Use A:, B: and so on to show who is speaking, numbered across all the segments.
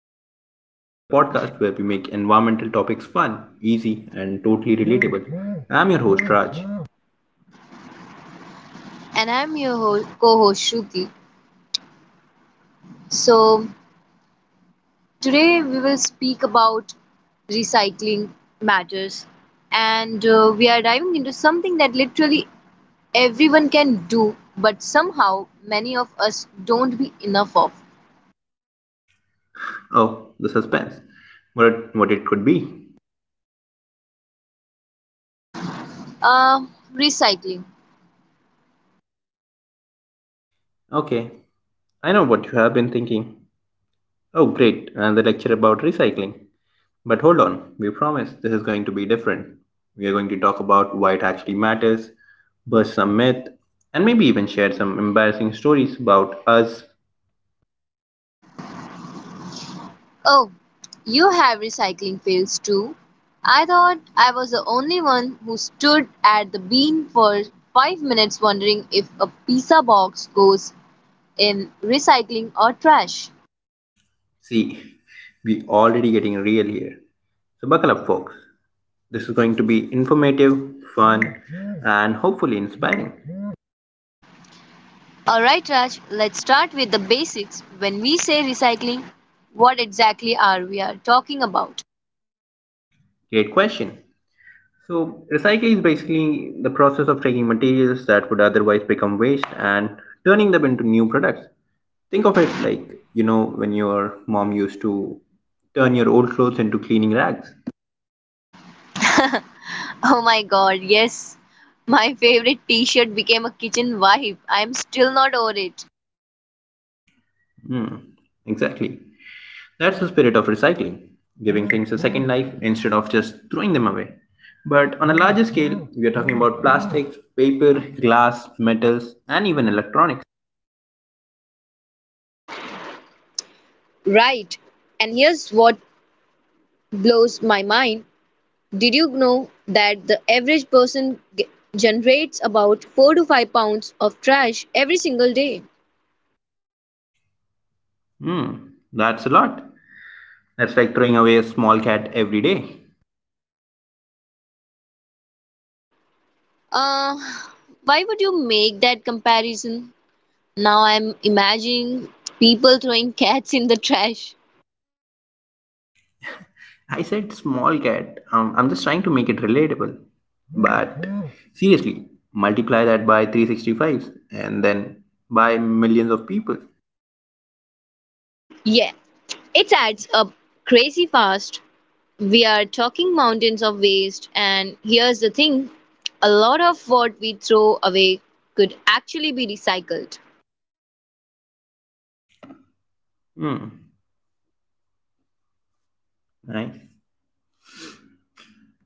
A: Conversations, the podcast where we make environmental topics fun, easy, and totally relatable. I'm your host, Raj.
B: And I'm your co-host Shruti. So today we will speak about recycling matters, and we are diving into something that literally everyone can do, but somehow many of us don't be enough of.
A: Oh, the suspense. What it could be.
B: Uh, recycling.
A: Okay, I know what you have been thinking. Oh, great, another lecture about recycling. But hold on, we promise this is going to be different. We are going to talk about why it actually matters, burst some myth, and maybe even share some embarrassing stories about us.
B: Oh, you have recycling fails too. I thought I was the only one who stood at the bin for 5 minutes wondering if a pizza box goes in recycling or trash.
A: See, we already getting real here. So buckle up, folks. This is going to be informative, fun, and hopefully inspiring.
B: Alright, Raj, let's start with the basics. When we say recycling, what exactly are we are talking about?
A: Great question. So recycling is basically the process of taking materials that would otherwise become waste and turning them into new products. Think of it like, you know, when your mom used to turn your old clothes into cleaning rags.
B: Oh my god, yes. My favorite t shirt became a kitchen wipe. I'm still not over it.
A: Hmm, exactly. That's the spirit of recycling, giving things a second life instead of just throwing them away. But on a larger scale, we are talking about plastics, paper, glass, metals, and even electronics.
B: Right. And here's what blows my mind. Did you know that the average person generates about 4 to 5 pounds of trash every single day?
A: Hmm, that's a lot. That's like throwing away a small cat every day.
B: Uh, why would you make that comparison? Now I'm imagining people throwing cats in the trash.
A: I said small cat. I'm just trying to make it relatable. But seriously, multiply that by 365 and then by millions of people.
B: Yeah, it adds up crazy fast. We are talking mountains of waste, and here's the thing a lot of what we throw away could actually be recycled.
A: Right?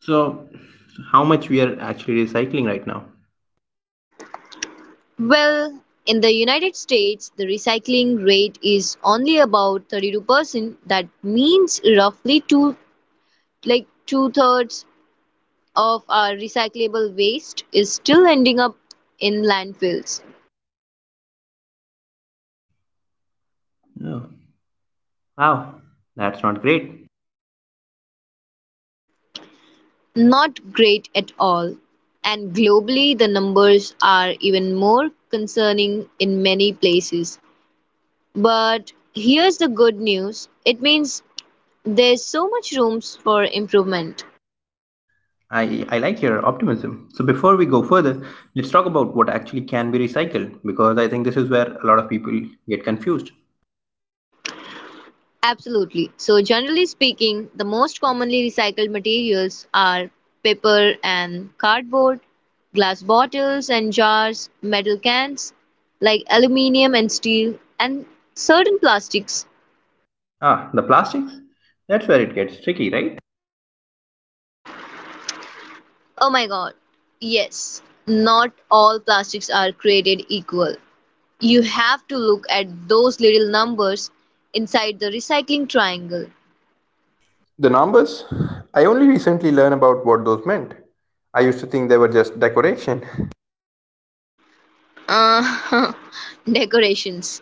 A: So, so how much we are actually recycling right now?
B: Well, in the United States, the recycling rate is only about 32%. That means roughly two-thirds of our recyclable waste is still ending up in landfills.
A: Oh, wow, that's not great.
B: Not great at all, and globally the numbers are even more concerning in many places. But here's the good news it means there's so much room for improvement.
A: I like your optimism. So, before we go further, let's talk about what actually can be recycled because I think this is where a lot of people get confused.
B: Absolutely. So, generally speaking, the most commonly recycled materials are paper and cardboard, glass bottles and jars, metal cans like aluminium and steel, and certain plastics.
A: Ah, the plastics? That's where it gets tricky, right?
B: Oh my god. Yes. Not all plastics are created equal. You have to look at those little numbers inside the recycling triangle.
A: The numbers? I only recently learned about what those meant. I used to think they were just decoration.
B: Uh, decorations.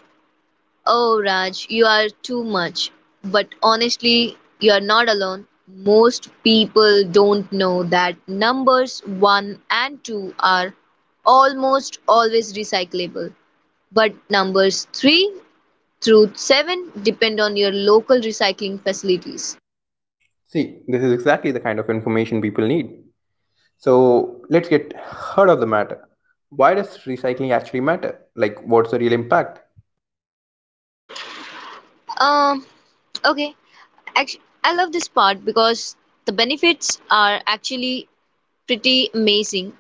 B: Oh, Raj, you are too much. But honestly, you are not alone. Most people don't know that numbers 1 and 2 are almost always recyclable, but numbers 3 through 7 depend on your local recycling facilities.
A: See, this is exactly the kind of information people need. So let's get heart of the matter. Why does recycling actually matter? Like, what's the real impact?
B: Um, okay, actually, I love this part because the benefits are actually pretty amazing.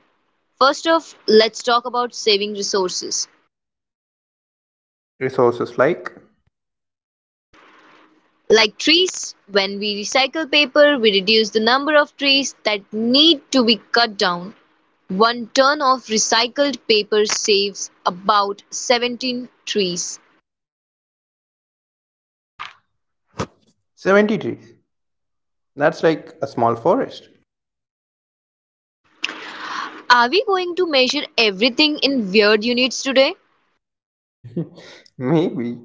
B: First off, let's talk about saving resources.
A: Resources like
B: Like trees, when we recycle paper, we reduce the number of trees that need to be cut down. One ton of recycled paper saves about 17 trees.
A: 70 trees. That's like a small forest.
B: Are we going to measure everything in weird units today?
A: Maybe,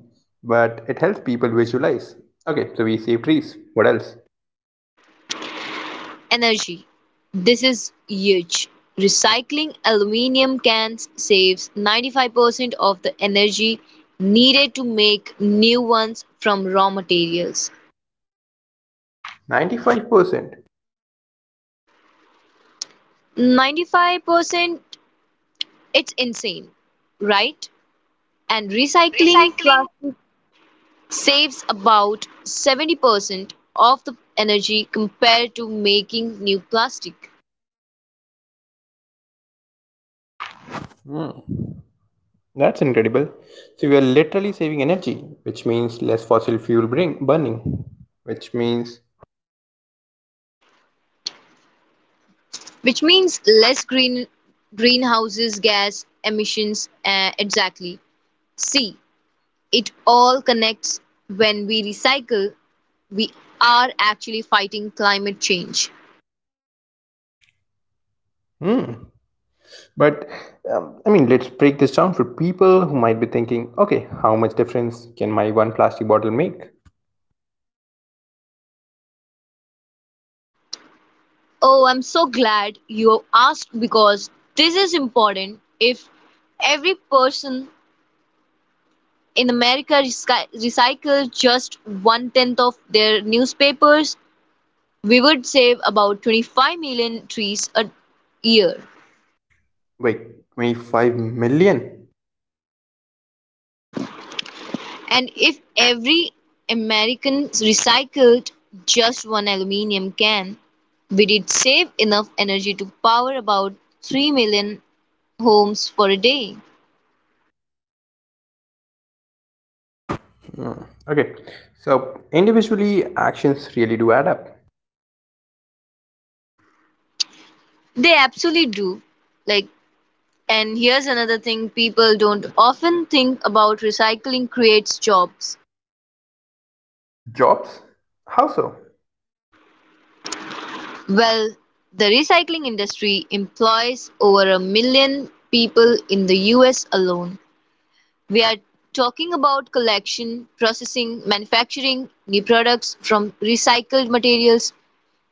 A: but it helps people visualize. Okay, so we save trees. What else?
B: Energy: this is huge. Recycling aluminum cans saves 95% of the energy needed to make new ones from raw materials.
A: 95%.
B: 95%? It's insane, right? And
A: And
B: recycling
A: recycling.
B: plastic saves about 70% of the energy compared to making new plastic,
A: That's incredible. So we are literally saving energy, which means less fossil fuel bring, burning, which means
B: which means less greenhouses gas emissions. Exactly. See, it all connects when we recycle, we are actually fighting climate change.
A: hmm. But I mean, let's break this down for people who might be thinking, okay, how much difference can my one plastic bottle make?
B: Oh, I'm so glad you asked because this is important. If every person in America recycled just one tenth of their newspapers, we would save about 25 million trees a year.
A: Wait, 25 million?
B: And if every American recycled just one aluminum can, we did save enough energy to power about 3 million homes for a day.
A: Okay, so individually, actions really do add up.
B: They absolutely do. Like, and here's another thing people don't often think about recycling creates jobs.
A: Jobs? How so?
B: Well, the recycling industry employs over a million people in the US alone. We are talking about collection, processing, manufacturing new products from recycled materials.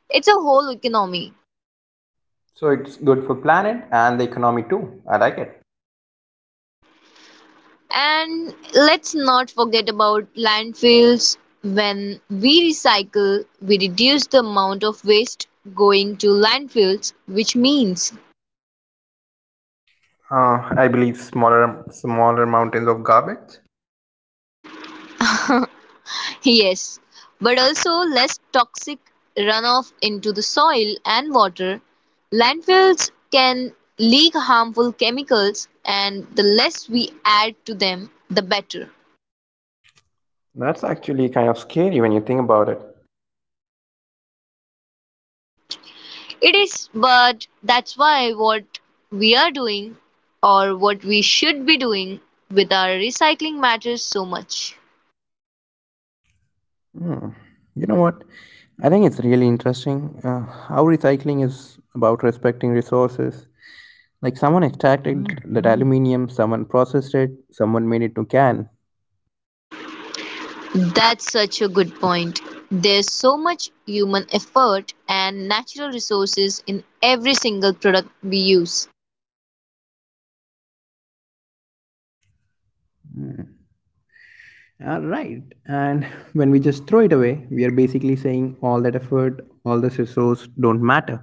B: It's a whole economy.
A: So it's good for planet and the economy too. I like it.
B: And let's not forget about landfills. When we recycle, we reduce the amount of waste going to landfills, which means
A: I believe smaller mountains of garbage.
B: yes, but also less toxic runoff into the soil and water. Landfills can leak harmful chemicals, and the less we add to them, the better.
A: That's actually kind of scary when you think about it.
B: It is, but that's why what we are doing or what we should be doing with our recycling matters so much.
A: You know what? I think it's really interesting how recycling is about respecting resources. Like someone extracted that aluminium, someone processed it, someone made it to can.
B: That's such a good point. There's so much human effort and natural resources in every single product we use.
A: Right. And when we just throw it away, we are basically saying all that effort, all this resource don't matter.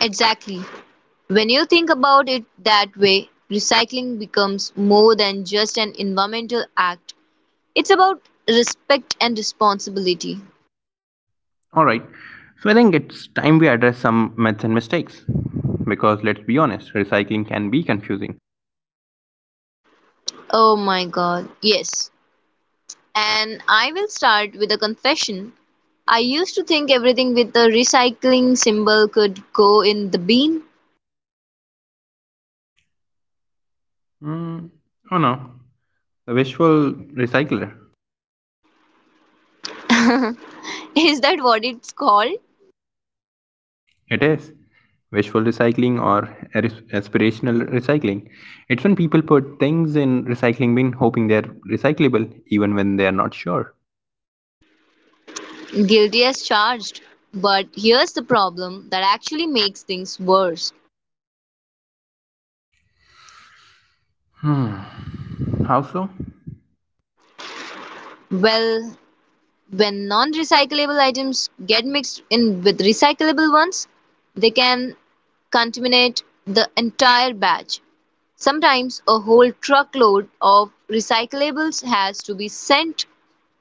B: Exactly. When you think about it that way, recycling becomes more than just an environmental act. It's about respect and responsibility.
A: All right. So I think it's time we address some myths and mistakes. Because let's be honest, recycling can be confusing.
B: Oh my god, yes. And I will start with a confession. I used to think everything with the recycling symbol could go in the bin.
A: Mm, oh no. The visual recycler.
B: Is that what it's called?
A: It is wishful recycling or aspirational recycling. It's when people put things in recycling bin hoping they're recyclable even when they are not sure.
B: Guilty as charged. But here's the problem that actually makes things worse.
A: Hmm, how so?
B: Well, When non recyclable items get mixed in with recyclable ones, they can contaminate the entire batch. Sometimes a whole truckload of recyclables has to be sent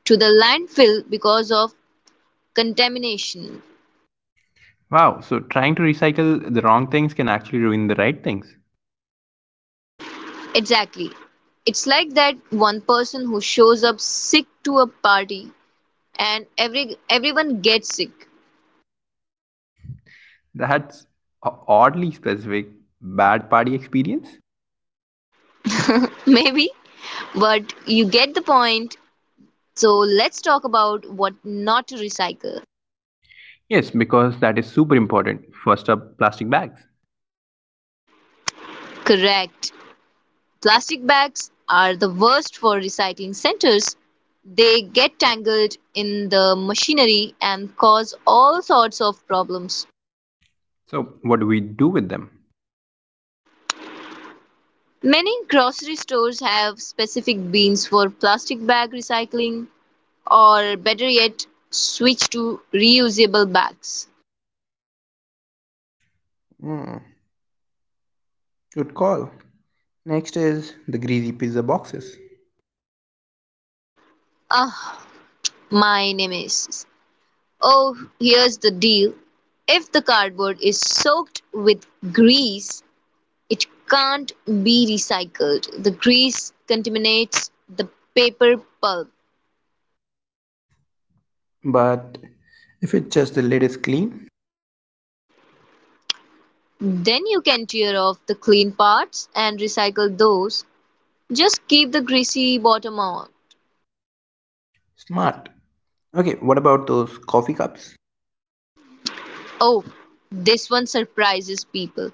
B: to the landfill because of contamination.
A: Wow, so trying to recycle the wrong things can actually ruin the right things.
B: Exactly. It's like that one person who shows up sick to a party and everyone gets sick.
A: That's a oddly specific bad party experience.
B: Maybe, but you get the point. So let's talk about what not to recycle.
A: Yes, because that is super important. First up, plastic bags.
B: Correct. Plastic bags are the worst for recycling centers. They get tangled in the machinery and cause all sorts of problems.
A: So, what do we do with them?
B: Many grocery stores have specific bins for plastic bag recycling, or better yet, switch to reusable bags.
A: Mm, good call. Next is the greasy pizza boxes.
B: Ah, my nemesis. Oh, here's the deal. If the cardboard is soaked with grease, it can't be recycled. The grease contaminates the paper pulp.
A: But if it's just the lid is clean.
B: Then you can tear off the clean parts and recycle those. Just keep the greasy bottom on.
A: Smart. Okay, what about those coffee cups?
B: Oh, this one surprises people.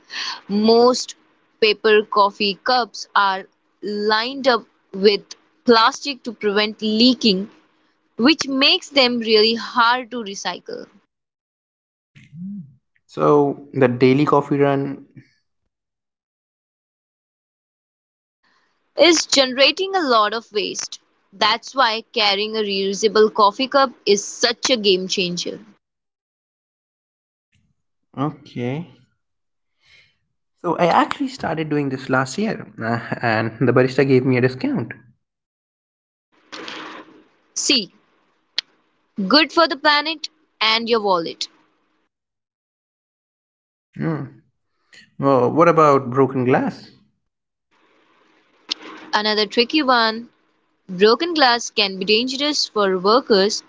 B: Most paper coffee cups are lined up with plastic to prevent leaking, which makes them really hard to recycle,
A: So the daily coffee run.
B: is generating a lot of waste. That's why carrying a reusable coffee cup is such a game changer.
A: Okay, so I actually started doing this last year. And the barista gave me a discount.
B: C. Good for the planet and your wallet.
A: Hmm. Well, what about broken glass?
B: Another tricky one broken glass can be dangerous for workers,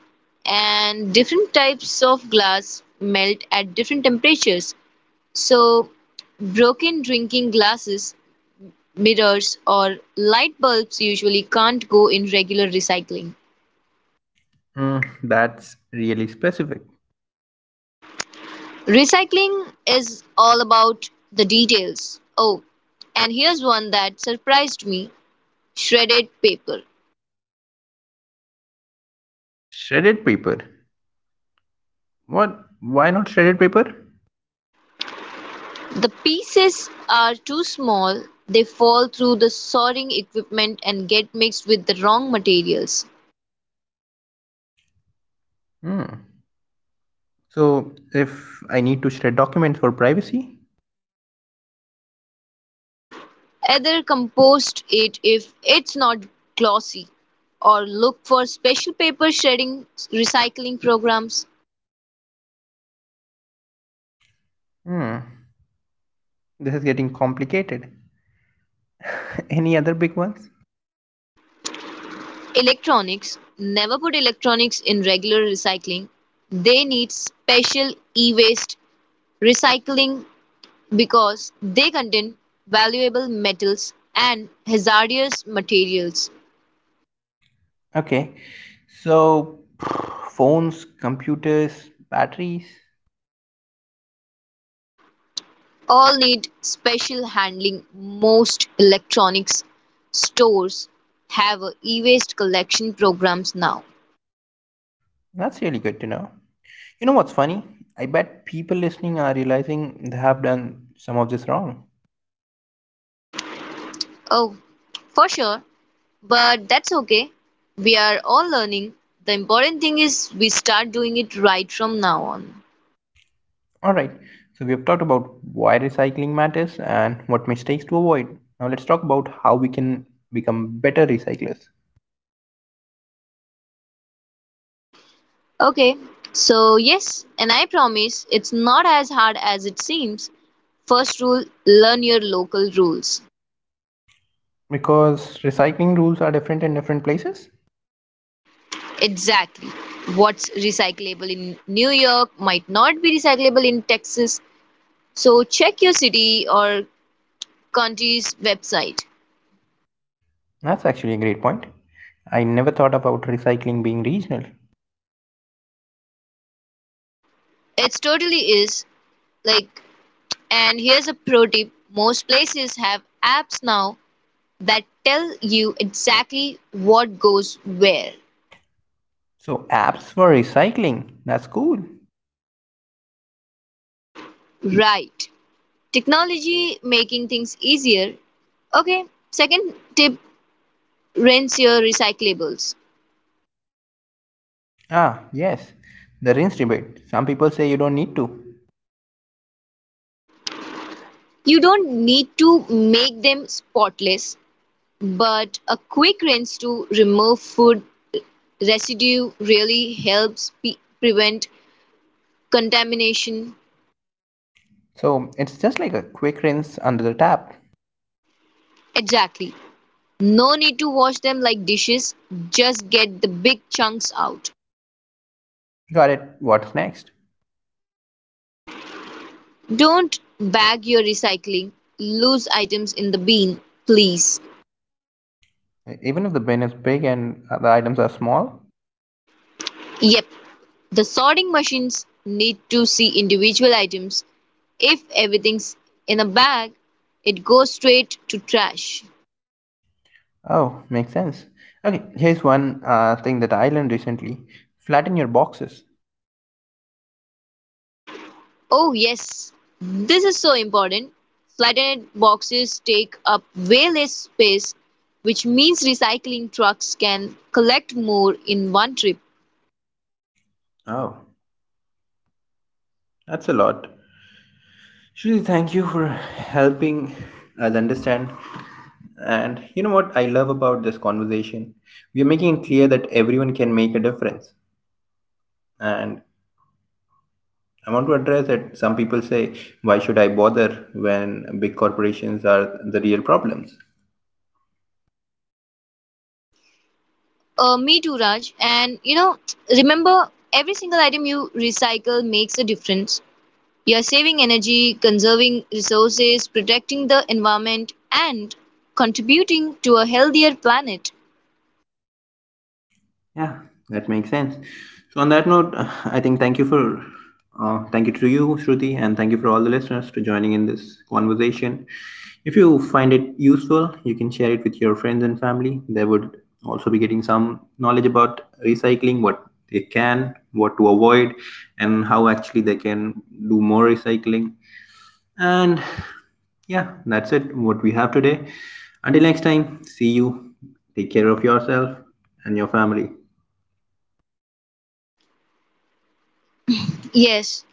B: and different types of glass melt at different temperatures. So, broken drinking glasses, mirrors or light bulbs usually can't go in regular recycling.
A: Mm, that's really specific.
B: Recycling is all about the details. Oh, and here's one that surprised me shredded paper.
A: Shredded paper? What, why not shredded paper?
B: The pieces are too small, they fall through the sorting equipment and get mixed with the wrong materials.
A: So if I need to shred documents for privacy.
B: Either compost it if it's not glossy, or look for special paper shredding recycling programs.
A: Hmm, this is getting complicated. Any other big ones?
B: Electronics: never put electronics in regular recycling. They need special e-waste recycling because they contain valuable metals and hazardous materials.
A: Okay, so phones, computers, batteries.
B: All need special handling. Most electronics stores have a e-waste collection programs now.
A: That's really good to know. You know what's funny? I bet people listening are realizing they have done some of this wrong.
B: Oh, for sure, but that's okay. We are all learning. The important thing is we start doing it right from now on.
A: Alright, so we have talked about why recycling matters and what mistakes to avoid. Now let's talk about how we can become better recyclers.
B: Okay, so yes, and I promise it's not as hard as it seems. First rule learn your local rules.
A: Because recycling rules are different in different places?
B: Exactly. What's recyclable in New York might not be recyclable in Texas, so check your city or county's website.
A: That's actually a great point. I never thought about recycling being regional.
B: It totally is. Like, and here's a pro tip most places have apps now that tell you exactly what goes where.
A: So, apps for recycling. That's cool.
B: Right. Technology making things easier. Okay, second tip rinse your recyclables.
A: Ah, yes. The rinse debate. Some people say you don't need to.
B: You don't need to make them spotless, but a quick rinse to remove food residue really helps prevent contamination.
A: So, it's just like a quick rinse under the tap.
B: Exactly. No need to wash them like dishes, just get the big chunks out.
A: Got it. What's next?
B: Don't bag your recycling. Lose items in the bin, please.
A: Even if the bin is big and the items are small?
B: Yep, the sorting machines need to see individual items. If everything's in a bag, it goes straight to trash.
A: Oh, makes sense. Okay, here's one thing that I learned recently: flatten your boxes.
B: Oh, yes, this is so important. Flattened boxes take up way less space, which means recycling trucks can collect more in one trip.
A: Oh, that's a lot. Shruti, thank you for helping us understand. And you know what I love about this conversation? We are making it clear that everyone can make a difference. And I want to address that some people say, why should I bother when big corporations are the real problems?
B: Me too, Raj. And you know, remember every single item you recycle makes a difference. You are saving energy, conserving resources, protecting the environment, and contributing to a healthier planet.
A: Yeah, that makes sense. So on that note, I think thank you for thank you to you, Shruti, and thank you for all the listeners to joining in this conversation. If you find it useful, you can share it with your friends and family. They would also be getting some knowledge about recycling, what they can, what to avoid, and how actually they can do more recycling. And yeah, that's it. What we have today. Until next time, see you. Take care of yourself and your family.
B: Yes.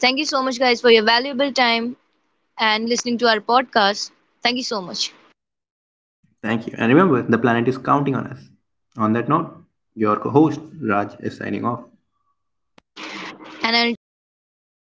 B: Thank you so much, guys, for your valuable time and listening to our podcast. Thank you so much.
A: Thank you. And remember, the planet is counting on us. On that note, your co host Raj is signing off.
B: And until next time,